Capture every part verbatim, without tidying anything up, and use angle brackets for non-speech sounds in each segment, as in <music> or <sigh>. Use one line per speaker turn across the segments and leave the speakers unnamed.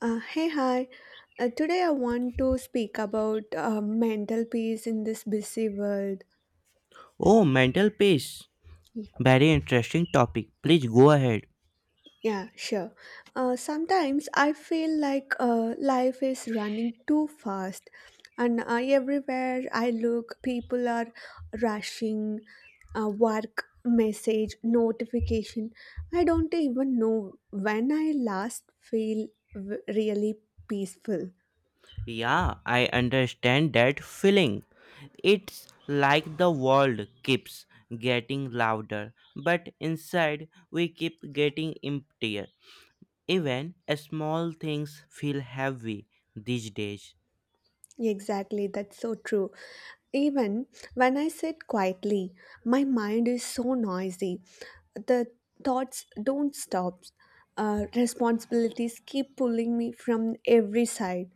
Uh, hey, hi. Uh, today I want to speak about uh, mental peace in this busy world.
Oh, mental peace.
Y-
Very interesting topic. Please go ahead.
Yeah, sure. Uh, sometimes I feel like uh, life is running too fast, and I, everywhere I look, people are rushing, uh, work, message, notification. I don't even know when I last feel w- really peaceful.
Yeah, I understand that feeling. It's like the world keeps getting louder, but inside we keep getting emptier. Even small things feel heavy these days.
Exactly, that's so true. Even when I sit quietly, my mind is so noisy. The thoughts don't stop. Uh, responsibilities keep pulling me from every side.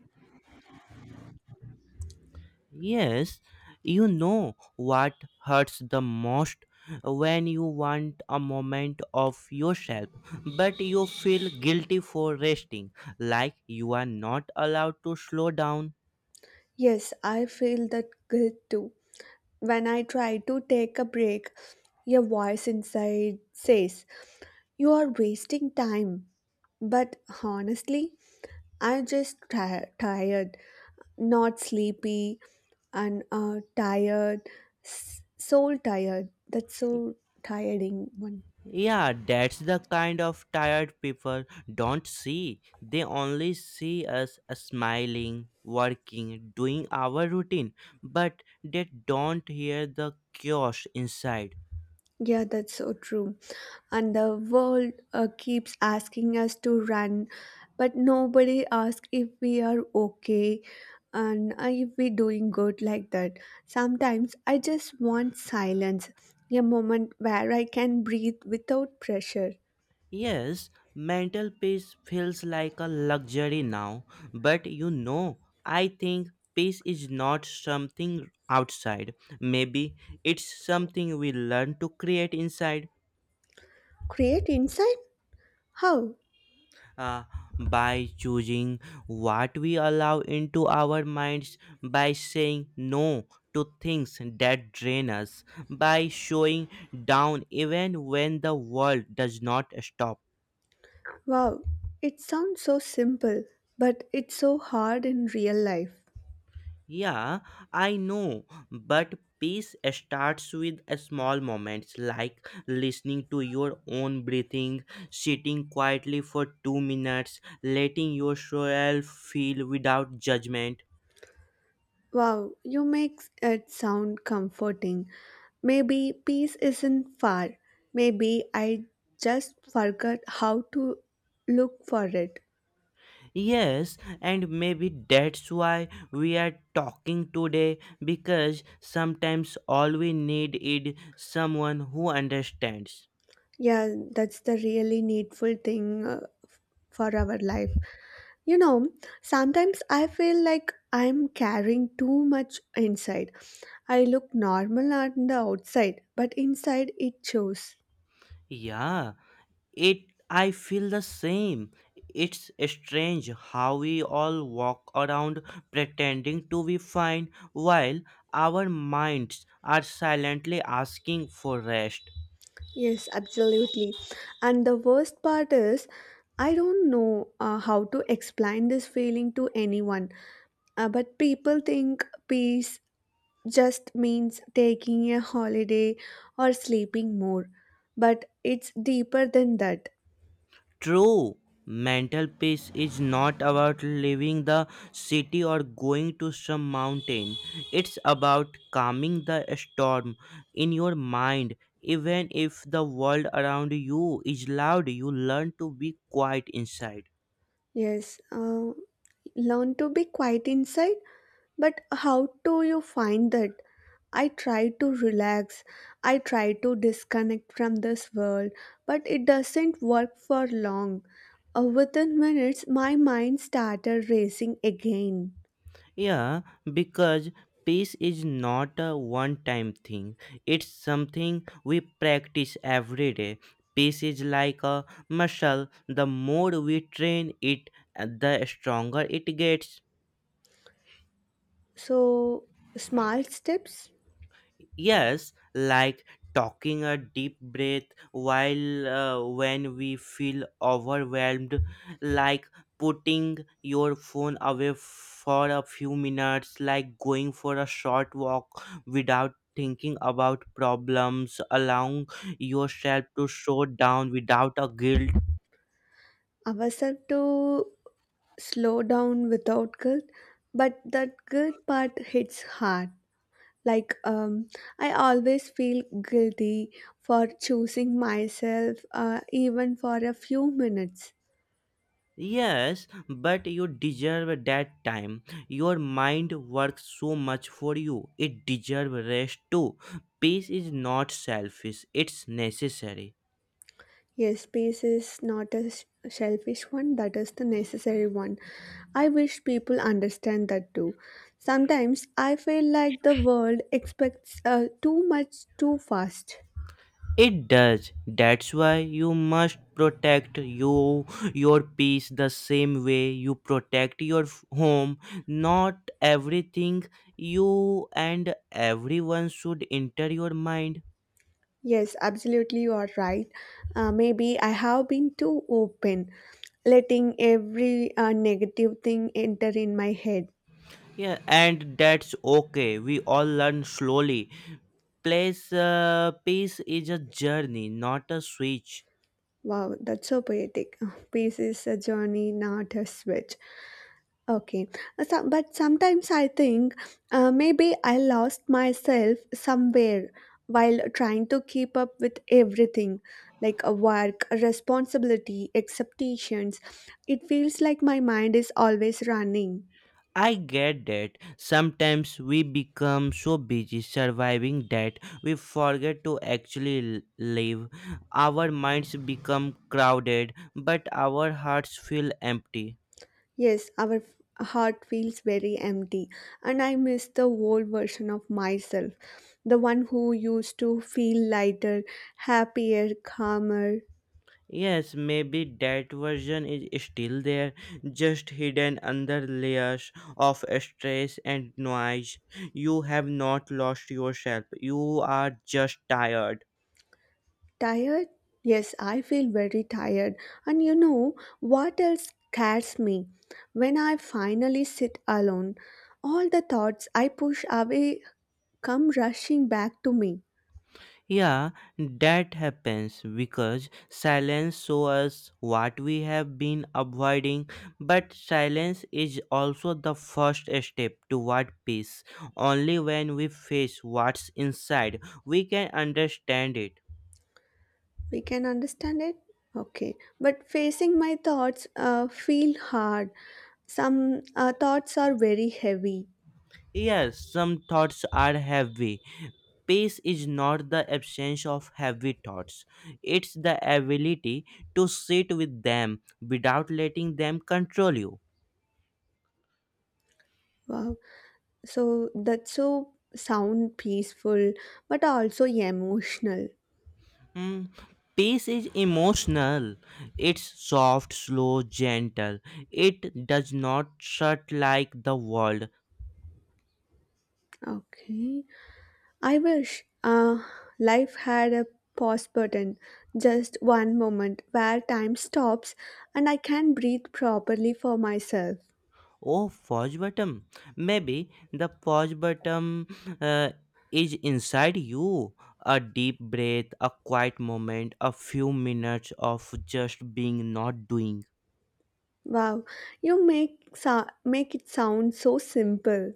Yes, you know what hurts the most when you want a moment of yourself, but you feel guilty for resting, like you are not allowed to slow down.
Yes, I feel that guilt too. When I try to take a break, your voice inside says, you are wasting time. But honestly, I'm just ti- tired, not sleepy, and uh, tired, s- soul tired. That's so tiring one.
Yeah, that's the kind of tired people don't see. They only see us smiling, working, doing our routine, but they don't hear the chaos inside.
Yeah, that's so true. And the world uh, keeps asking us to run, but nobody asks if we are okay and uh, if we're doing good like that. Sometimes I just want silence, a moment where I can breathe without pressure.
Yes, mental peace feels like a luxury now, but you know, I think peace is not something outside. Maybe it's something we learn to create inside.
Create insight? How?
Uh, by choosing what we allow into our minds, by saying no to things that drain us, by showing down even when the world does not stop.
Wow, it sounds so simple, but it's so hard in real life.
Yeah, I know, but peace starts with a small moments like listening to your own breathing, sitting quietly for 2 minutes, letting yourself feel without judgment.
Wow, you make it sound comforting. Maybe peace isn't far. Maybe I just forgot how to look for it.
Yes, and maybe that's why we are talking today because sometimes all we need is someone who understands.
Yeah, that's the really needful thing uh, for our life. You know, sometimes I feel like I'm carrying too much inside. I look normal on the outside, but inside it shows.
Yeah. It I feel the same. It's strange how we all walk around pretending to be fine while our minds are silently asking for rest.
Yes, absolutely. And the worst part is, I don't know uh, how to explain this feeling to anyone. Uh, but people think peace just means taking a holiday or sleeping more. But it's deeper than that.
True, mental peace is not about leaving the city or going to some mountain. It's about calming the storm in your mind. Even if the world around you is loud, you learn to be quiet inside.
Yes, uh, learn to be quiet inside. But how do you find that? I try to relax, I try to disconnect from this world, but it doesn't work for long. Uh, within minutes, my mind started racing again.
Yeah, because peace is not a one time thing, it's something we practice every day. Peace is like a muscle, the more we train it, uh, the stronger it gets.
So, small steps,
Yes, like talking a deep breath while uh, when we feel overwhelmed, like putting your phone away for a few minutes, like going for a short walk without thinking about problems, allowing yourself to slow down without a guilt.
ourselves to slow down without guilt, but that guilt part hits hard. Like um, I always feel guilty for choosing myself uh, even for a few minutes.
Yes, but you deserve that time. Your mind works so much for you. It deserves rest too. Peace is not selfish, it's necessary.
Yes, space is not a sh- selfish one, that is the necessary one. I wish people understand that too. Sometimes I feel like the world expects uh, too much too fast.
It does. That's why you must protect you your peace the same way you protect your f- home. Not everything you and everyone should enter your mind.
Yes, absolutely, you are right. Uh, maybe I have been too open, letting every uh, negative thing enter in my head.
Yeah, and that's okay. We all learn slowly. Place uh, Peace is a journey, not a switch.
Wow, that's so poetic. <laughs> Peace is a journey, not a switch. Okay, Uh, so- but sometimes I think uh, maybe I lost myself somewhere while trying to keep up with everything, like a work, a responsibility, expectations. It feels like my mind is always running.
I get that sometimes we become so busy surviving that we forget to actually l- live. Our minds become crowded, but our hearts feel empty.
Yes, our f- heart feels very empty, and I miss the old version of myself, the one who used to feel lighter, happier, calmer,
Yes, maybe that version is still there, just hidden under layers of stress and noise. You have not lost yourself. You are just tired.
tired. Yes, I feel very tired, and you know what else scares me? When I finally sit alone, all the thoughts I push away come rushing back to me.
Yeah, that happens because silence shows us what we have been avoiding, but silence is also the first step toward peace. Only when we face what's inside, we can understand it.
We can understand it? Okay, but facing my thoughts uh, feel hard, some uh, thoughts are very heavy.
Yes, some thoughts are heavy. Peace is not the absence of heavy thoughts, it's the ability to sit with them without letting them control you.
Wow, so that's so sound peaceful, but also emotional.
Mm, peace is emotional. It's soft, slow, gentle. It does not shut like the world.
Okay, I wish uh, life had a pause button, just one moment where time stops and I can breathe properly for myself.
Oh, pause button. Maybe the pause button uh, is inside you. A deep breath, a quiet moment, a few minutes of just being not doing.
Wow, you make so- make it sound so simple.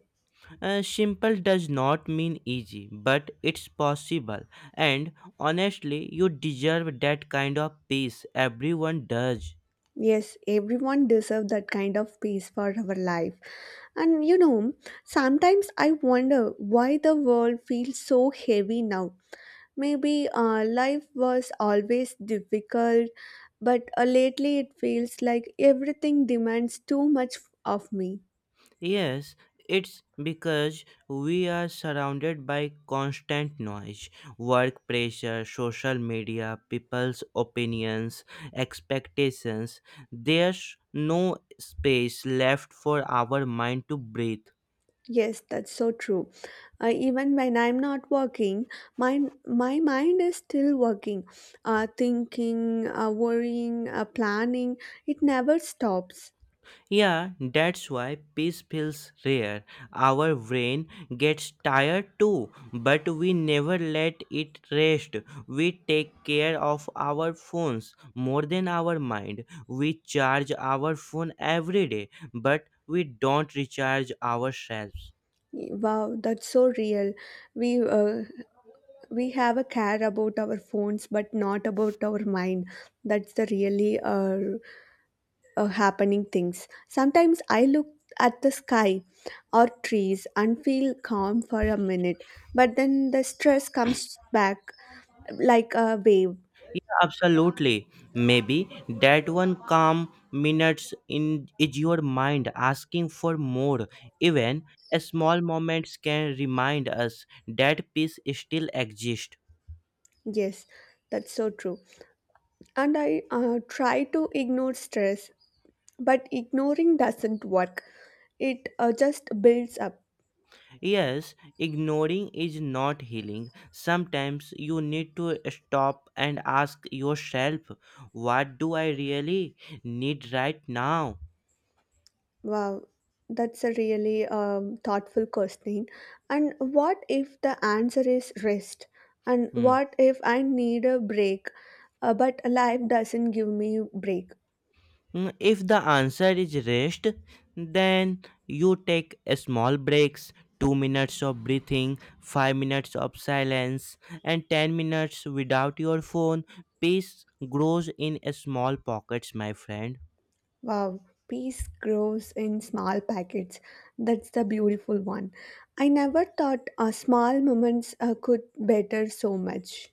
Uh, simple does not mean easy, but it's possible. And honestly, you deserve that kind of peace. Everyone does.
Yes, everyone deserves that kind of peace for our life. And you know, sometimes I wonder why the world feels so heavy now. Maybe uh, life was always difficult, but uh, lately it feels like everything demands too much of me.
Yes, it's because we are surrounded by constant noise: work pressure, social media, people's opinions, expectations. There's no space left for our mind to breathe.
Yes, that's so true. Uh, even when I'm not working, my my mind is still working, uh, thinking, uh, worrying, uh, planning. It never stops.
Yeah, that's why peace feels rare. Our brain gets tired too, but we never let it rest. We take care of our phones more than our mind. We charge our phone every day, but we don't recharge ourselves.
Wow, that's so real. We uh, we have a care about our phones, but not about our mind. That's the really uh, uh, happening things. Sometimes I look at the sky or trees and feel calm for a minute, but then the stress comes back like a wave.
Yeah, absolutely. Maybe that one calm minutes in is your mind asking for more. Even a small moments can remind us that peace still exists.
Yes, that's so true. And I uh, try to ignore stress, but ignoring doesn't work. It uh, just builds up.
Yes, ignoring is not healing. Sometimes you need to stop and ask yourself, what do I really need right now?
Wow, that's a really um, thoughtful question. And what if the answer is rest? And
Hmm.
what if I need a break, uh, but life doesn't give me break?
Mm, If the answer is rest, then you take a small breaks, two minutes of breathing, five minutes of silence, and ten minutes without your phone. Peace grows in a small pockets, my friend.
Wow, peace grows in small packets. That's the beautiful one. I never thought uh, small moments uh, could better so much.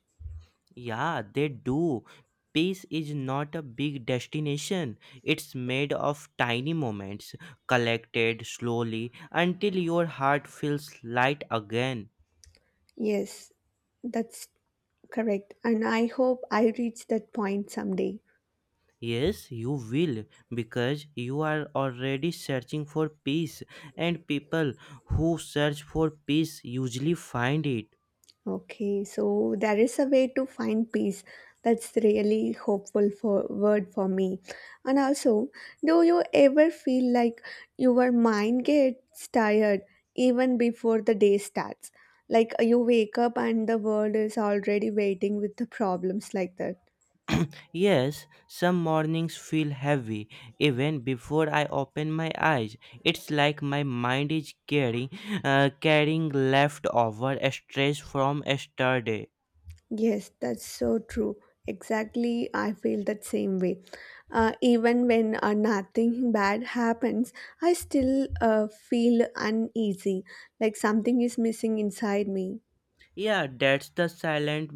Yeah, they do. Peace is not a big destination. It's made of tiny moments, collected slowly until your heart feels light again.
Yes, that's correct. And I hope I reach that point someday.
Yes, you will, because you are already searching for peace, and people who search for peace usually find it.
Okay, so there is a way to find peace. That's really hopeful for word for me. And also, do you ever feel like your mind gets tired even before the day starts? Like you wake up and the world is already waiting with the problems like that.
Yes, some mornings feel heavy even before I open my eyes. It's like my mind is carrying, uh, carrying leftover stress from yesterday.
Yes, that's so true. Exactly, I feel that same way. Uh, even when uh, nothing bad happens, I still uh, feel uneasy, like something is missing inside me.
Yeah, that's the silent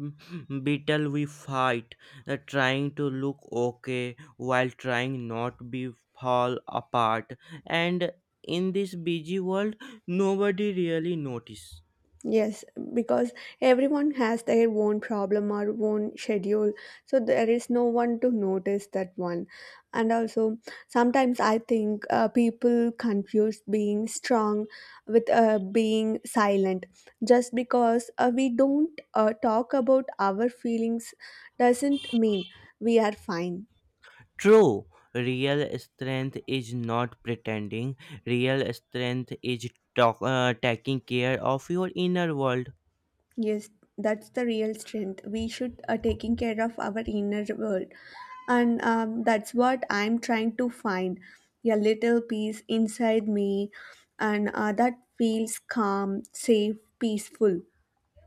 <laughs> battle we fight, uh, trying to look okay while trying not be fall apart. And in this busy world, nobody really notice.
Yes, because everyone has their own problem or own schedule, so there is no one to notice that one. And also, sometimes I think uh, people confuse being strong with uh, being silent. Just because uh, we don't uh, talk about our feelings doesn't mean we are fine.
True, real strength is not pretending. Real strength is talk, uh, taking care of your inner world.
Yes, that's the real strength. We should uh, taking care of our inner world, and um, that's what I'm trying to find, a little peace inside me, and uh, that feels calm, safe, peaceful.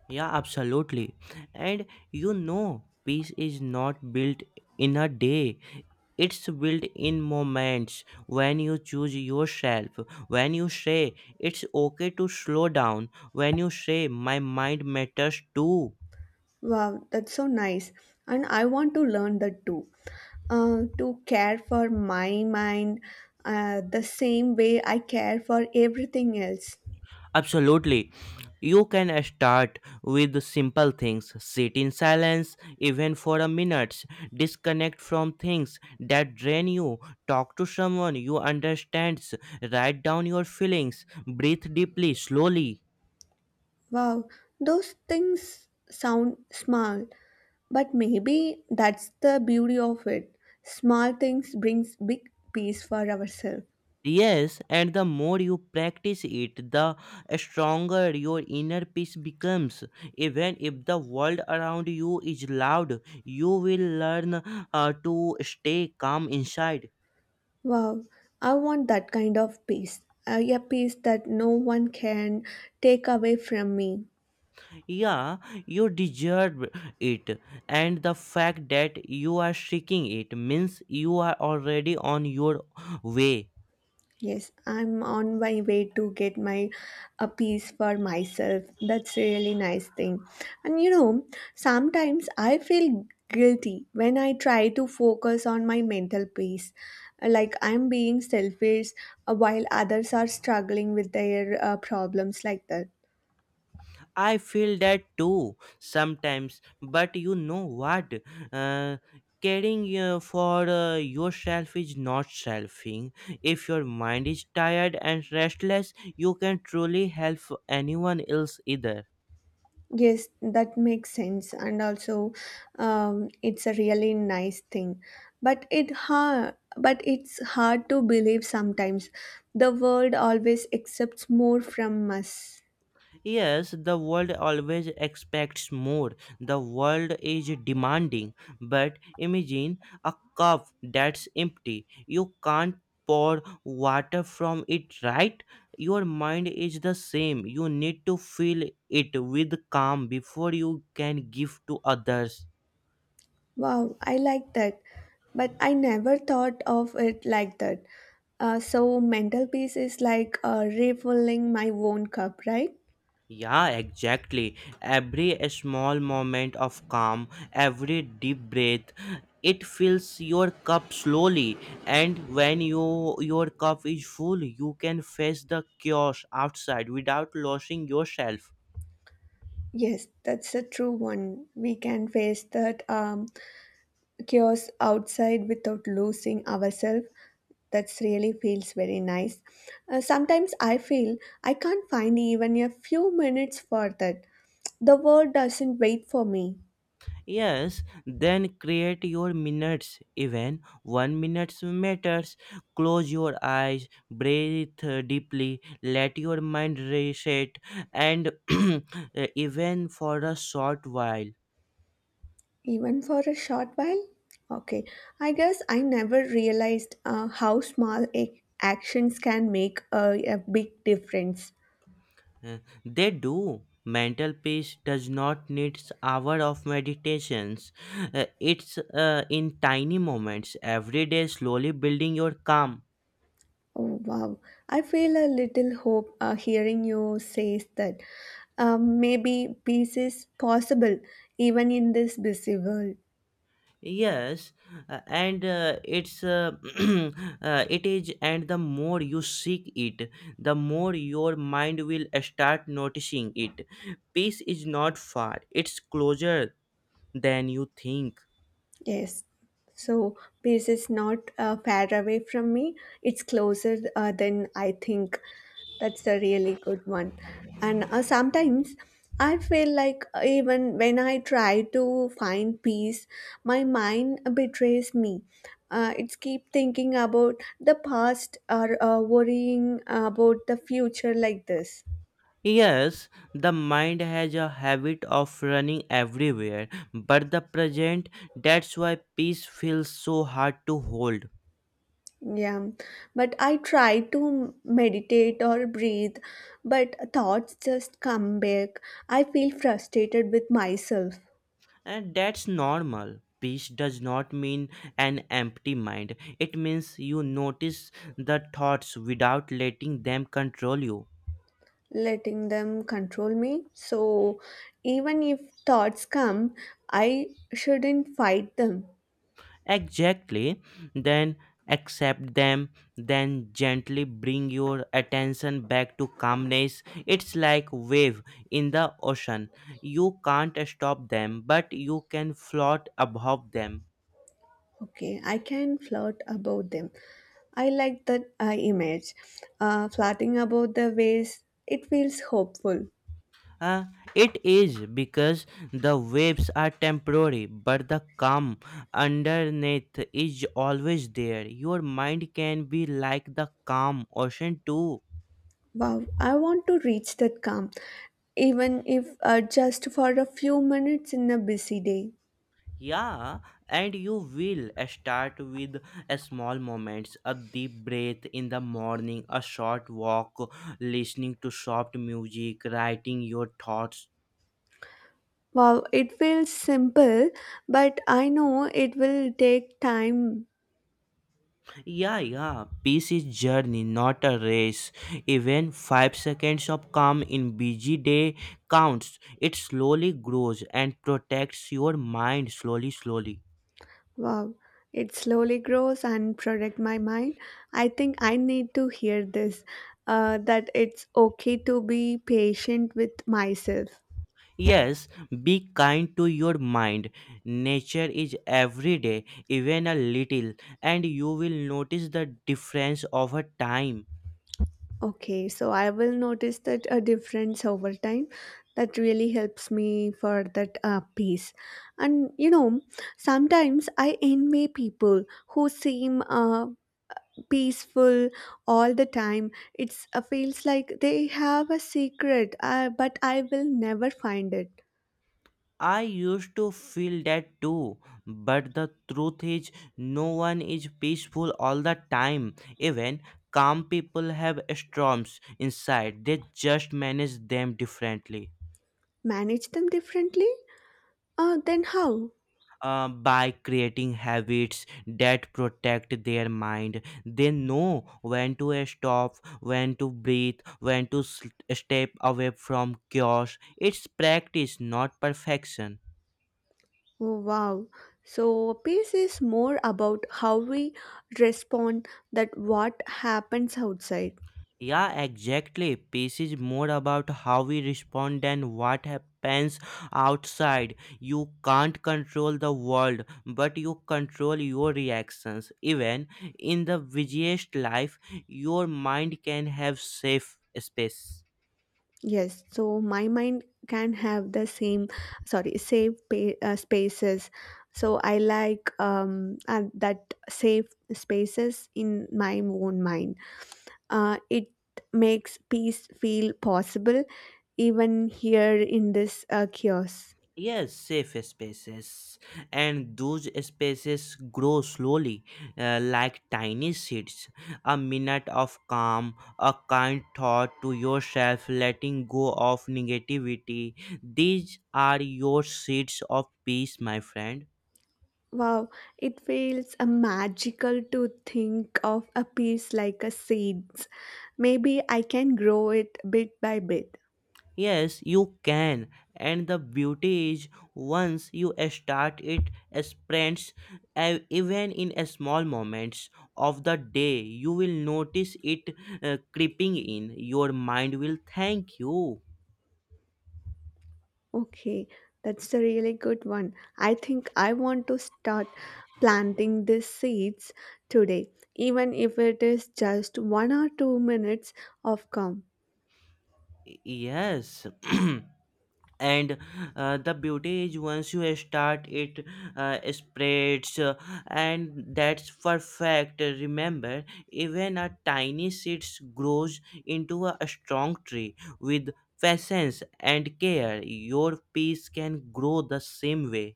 Yeah, absolutely. And you know, peace is not built in a day. It's built in moments when you choose yourself, when you say it's okay to slow down, when you say my mind matters too.
Wow, that's so nice, and I want to learn that too. Uh, to care for my mind, uh, the same way I care for everything else.
Absolutely. You can start with simple things. Sit in silence, even for a minute. Disconnect from things that drain you. Talk to someone you understand. Write down your feelings. Breathe deeply, slowly.
Wow, those things sound small, but maybe that's the beauty of it. Small things brings big peace for ourselves.
Yes, and the more you practice it, the stronger your inner peace becomes. Even if the world around you is loud, you will learn uh, to stay calm inside.
Wow, I want that kind of peace. Uh, a peace that no one can take away from me.
Yeah, you deserve it, and the fact that you are seeking it means you are already on your way.
Yes, I'm on my way to get my a piece for myself. That's really nice thing. And you know, sometimes I feel guilty when I try to focus on my mental peace. Like I'm being selfish uh, while others are struggling with their uh, problems like that.
I feel that too sometimes, but you know what? Uh, Caring uh, for uh, yourself is not selfing. If your mind is tired and restless, you can truly help anyone else either.
Yes, that makes sense, and also, um, it's a really nice thing. But it hard, but it's hard to believe sometimes. The world always accepts more from us.
Yes, the world always expects more. The world is demanding. But imagine a cup that's empty. You can't pour water from it, right? Your mind is the same. You need to fill it with calm before you can give to others.
Wow, I like that, but I never thought of it like that. Uh, so mental peace is like uh, refilling my own cup, right?
Yeah, exactly. Every small moment of calm, every deep breath, it fills your cup slowly. And when you your cup is full, you can face the chaos outside without losing yourself.
Yes, that's a true one. We can face that um, chaos outside without losing ourselves. That's really feels very nice. Uh, sometimes I feel I can't find even a few minutes for that. The world doesn't wait for me,
Yes, then create your minutes. Even one minute matters. Close your eyes, breathe uh, deeply, let your mind reset, and <clears throat> even for a short while.
even for a short while. Okay, I guess I never realized uh, how small a actions can make a, a big difference.
Uh, They do. Mental peace does not need s- hour of meditations. Uh, It's uh, in tiny moments every day, slowly building your calm.
Oh, wow. I feel a little hope uh, hearing you say that um, maybe peace is possible even in this busy world.
Yes, uh, and uh, it's uh, <clears throat> uh, it is, and the more you seek it, the more your mind will start noticing it. Peace is not far; it's closer than you think.
Yes. So peace is not uh, far away from me. It's closer uh, than I think. That's a really good one. And uh, sometimes I feel like uh, even when I try to find peace, my mind betrays me. Uh, it's keep thinking about the past or uh, worrying about the future like this.
Yes, the mind has a habit of running everywhere, but the present, that's why peace feels so hard to hold.
Yeah, but I try to meditate or breathe, but thoughts just come back. I feel frustrated with myself,
And that's normal. Peace does not mean an empty mind, it means you notice the thoughts without letting them control you.
letting them control me. So, even if thoughts come, I shouldn't fight them.
Exactly. Then accept them, then gently bring your attention back to calmness. It's like wave in the ocean. You can't stop them, but you can float above them.
Okay, I can flirt about them. I like that uh, image. Uh, flirting about the ways, it feels hopeful.
Uh, it is because the waves are temporary, but the calm underneath is always there. Your mind can be like the calm ocean too.
Wow, I want to reach that calm, even if uh, just for a few minutes in a busy day.
Yeah, and you will start with a small moments, a deep breath in the morning, a short walk, listening to soft music, writing your thoughts.
Wow, it feels simple, but I know it will take time.
Yeah, yeah, peace is journey, not a race. Even five seconds of calm in busy day counts. It slowly grows and protects your mind slowly slowly.
Wow, it slowly grows and protect my mind. I think I need to hear this, uh, that it's okay to be patient with myself.
Yes, be kind to your mind. Nature is every day, even a little, and you will notice the difference over time.
Okay, so I will notice that a difference over time that really helps me for that uh, peace. And you know, sometimes I envy people who seem uh, peaceful all the time. It's uh, feels like they have a secret, uh, but I will never find it.
I used to feel that too, but the truth is, no one is peaceful all the time. Even calm people have storms inside, they just manage them differently.
Manage them differently? Uh, then how?
Uh, by creating habits that protect their mind. They know when to uh, stop, when to breathe, when to s- step away from chaos. It's practice, not perfection.
Oh, wow. So peace is more about how we respond that what happens outside.
Yeah, exactly. Peace is more about how we respond than what happens outside. You can't control the world, but you control your reactions. Even in the busiest life, your mind can have safe space.
Yes, so my mind can have the same, sorry, safe pa- uh, spaces. So I like um, uh, that safe spaces in my own mind. Uh, it makes peace feel possible even here in this uh, chaos.
Yes, safe spaces, and those spaces grow slowly, uh, like tiny seeds. A minute of calm, a kind thought to yourself, letting go of negativity. These are your seeds of peace, my friend.
Wow, it feels uh, magical to think of a piece like a seeds. Maybe I can grow it bit by bit.
Yes, you can. And the beauty is, once you start it, spreads uh, even in a small moments of the day. You will notice it uh, creeping in. Your mind will thank you.
Okay, that's a really good one. I think I want to start planting these seeds today, even if it is just one or two minutes of calm.
Yes. <clears throat> And uh, the beauty is once you start it uh, spreads uh, and that's perfect. Remember, even a tiny seed grows into a strong tree. With patience and care, your peace can grow the same way.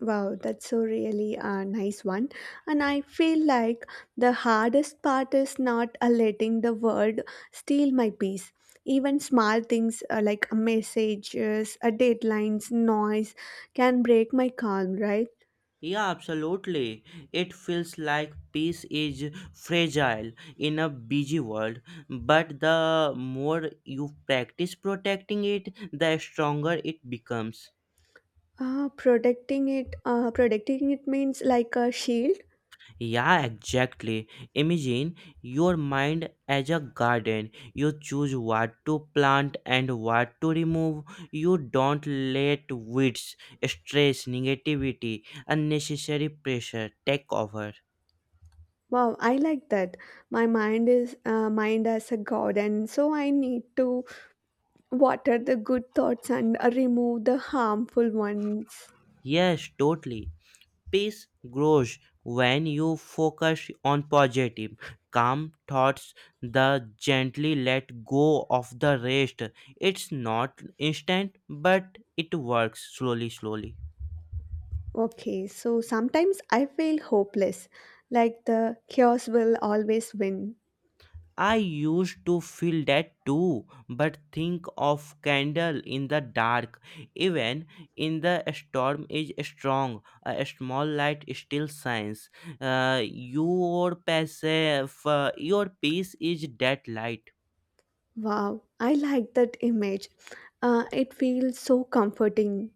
Wow, that's so really a nice one. And I feel like the hardest part is not uh, letting the world steal my peace. Even small things uh, like messages, uh, deadlines, noise can break my calm, right?
Yeah, absolutely. It feels like peace is fragile in a busy world, but the more you practice protecting it, the stronger it becomes.
Ah, protecting it, uh, protecting it means like a shield.
Yeah, exactly. Imagine your mind as a garden. You choose what to plant and what to remove. You don't let weeds, stress, negativity, unnecessary pressure take over.
Wow, I like that. My mind is uh, mind as a god, and so I need to water the good thoughts and uh, remove the harmful ones.
Yes, totally. Peace grows when you focus on positive, calm thoughts. The gently let go of the rest. It's not instant, but it works slowly, slowly.
Okay, so sometimes I feel hopeless, like the chaos will always win.
I used to feel that too, but think of candle in the dark. Even in the storm is strong. A small light still shines. Uh, your passive, your peace is that light.
Wow, I like that image. Uh, it feels so comforting.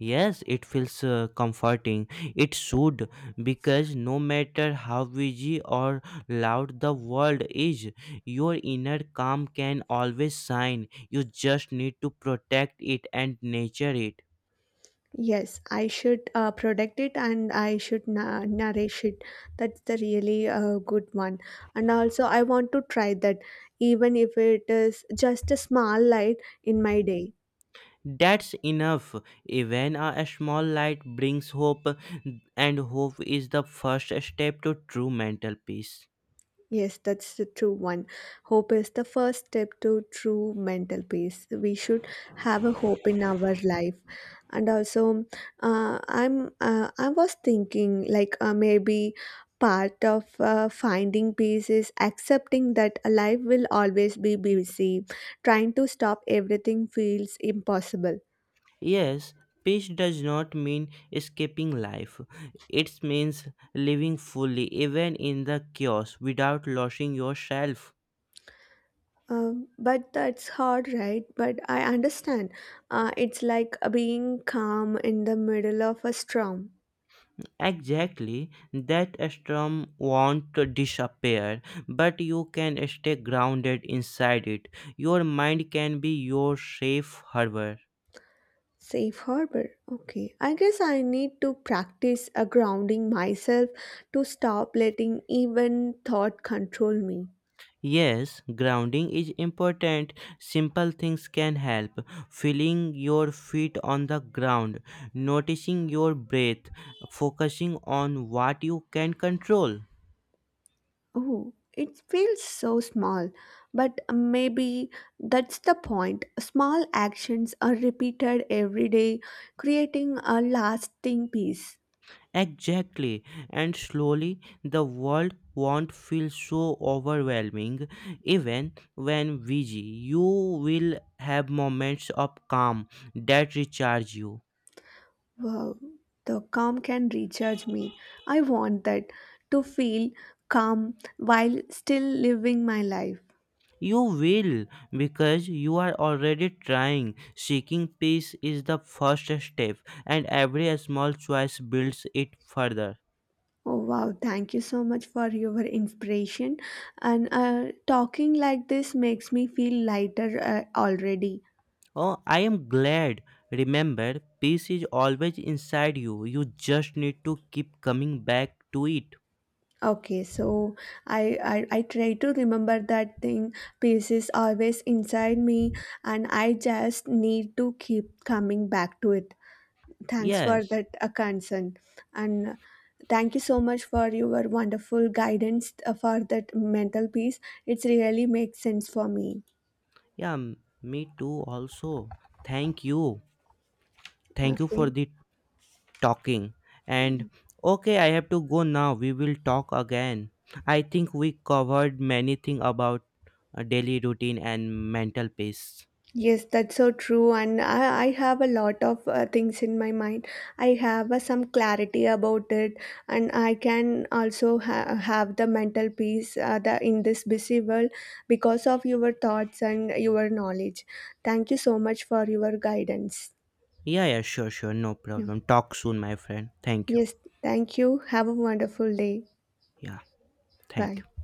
Yes, it feels uh, comforting. It should, because no matter how busy or loud the world is, your inner calm can always shine. You just need to protect it and nurture it.
Yes, I should uh, protect it and I should na- nourish it. That's the really uh, good one. And also, I want to try that, even if it is just a small light in my day.
That's enough. Even a small light brings hope, and hope is the first step to true mental peace.
Yes, that's the true one. Hope is the first step to true mental peace. We should have a hope in our life, and also, uh, I'm uh, I was thinking like uh, maybe part of uh, finding peace is accepting that life will always be busy. Trying to stop everything feels impossible.
Yes, peace does not mean escaping life. It means living fully, even in the chaos, without losing yourself.
Um, but that's hard, right? But I understand. Uh, it's like being calm in the middle of a storm.
Exactly, that storm won't disappear, but you can stay grounded inside it. Your mind can be your safe harbor.
Safe harbor. Okay. I guess I need to practice a grounding myself to stop letting even thought control me.
Yes, grounding is important. Simple things can help. Feeling your feet on the ground, noticing your breath, focusing on what you can control.
Oh, it feels so small, but maybe that's the point. Small actions are repeated every day, creating a lasting peace.
Exactly. And slowly, the world won't feel so overwhelming. Even when busy, you will have moments of calm that recharge you.
Wow, the calm can recharge me. I want that to feel calm while still living my life.
You will, because you are already trying. Seeking peace is the first step, and every small choice builds it further.
Oh wow, thank you so much for your inspiration. And uh, talking like this makes me feel lighter uh, already.
Oh, I am glad. Remember, peace is always inside you. You just need to keep coming back to it.
Okay, so I, I I try to remember that thing. Peace is always inside me, and I just need to keep coming back to it. Thanks for
Yes.
that uh, concern, and uh, thank you so much for your wonderful guidance uh, for that mental peace. It's really makes sense for me.
Yeah, m- me too, also. Thank you. Thank you for
Okay.
the talking and okay, I have to go now. We will talk again. I think we covered many things about uh, daily routine and mental peace.
Yes, that's so true. And I, I have a lot of uh, things in my mind. I have uh, some clarity about it, and I can also ha- have the mental peace uh, the, in this busy world because of your thoughts and your knowledge. Thank you so much for your guidance.
Yeah, yeah, sure, sure, no
Yeah.
problem. Talk soon, my friend. Thank you.
Yes, thank you. Have a wonderful day.
Yeah, thank
Bye.
you.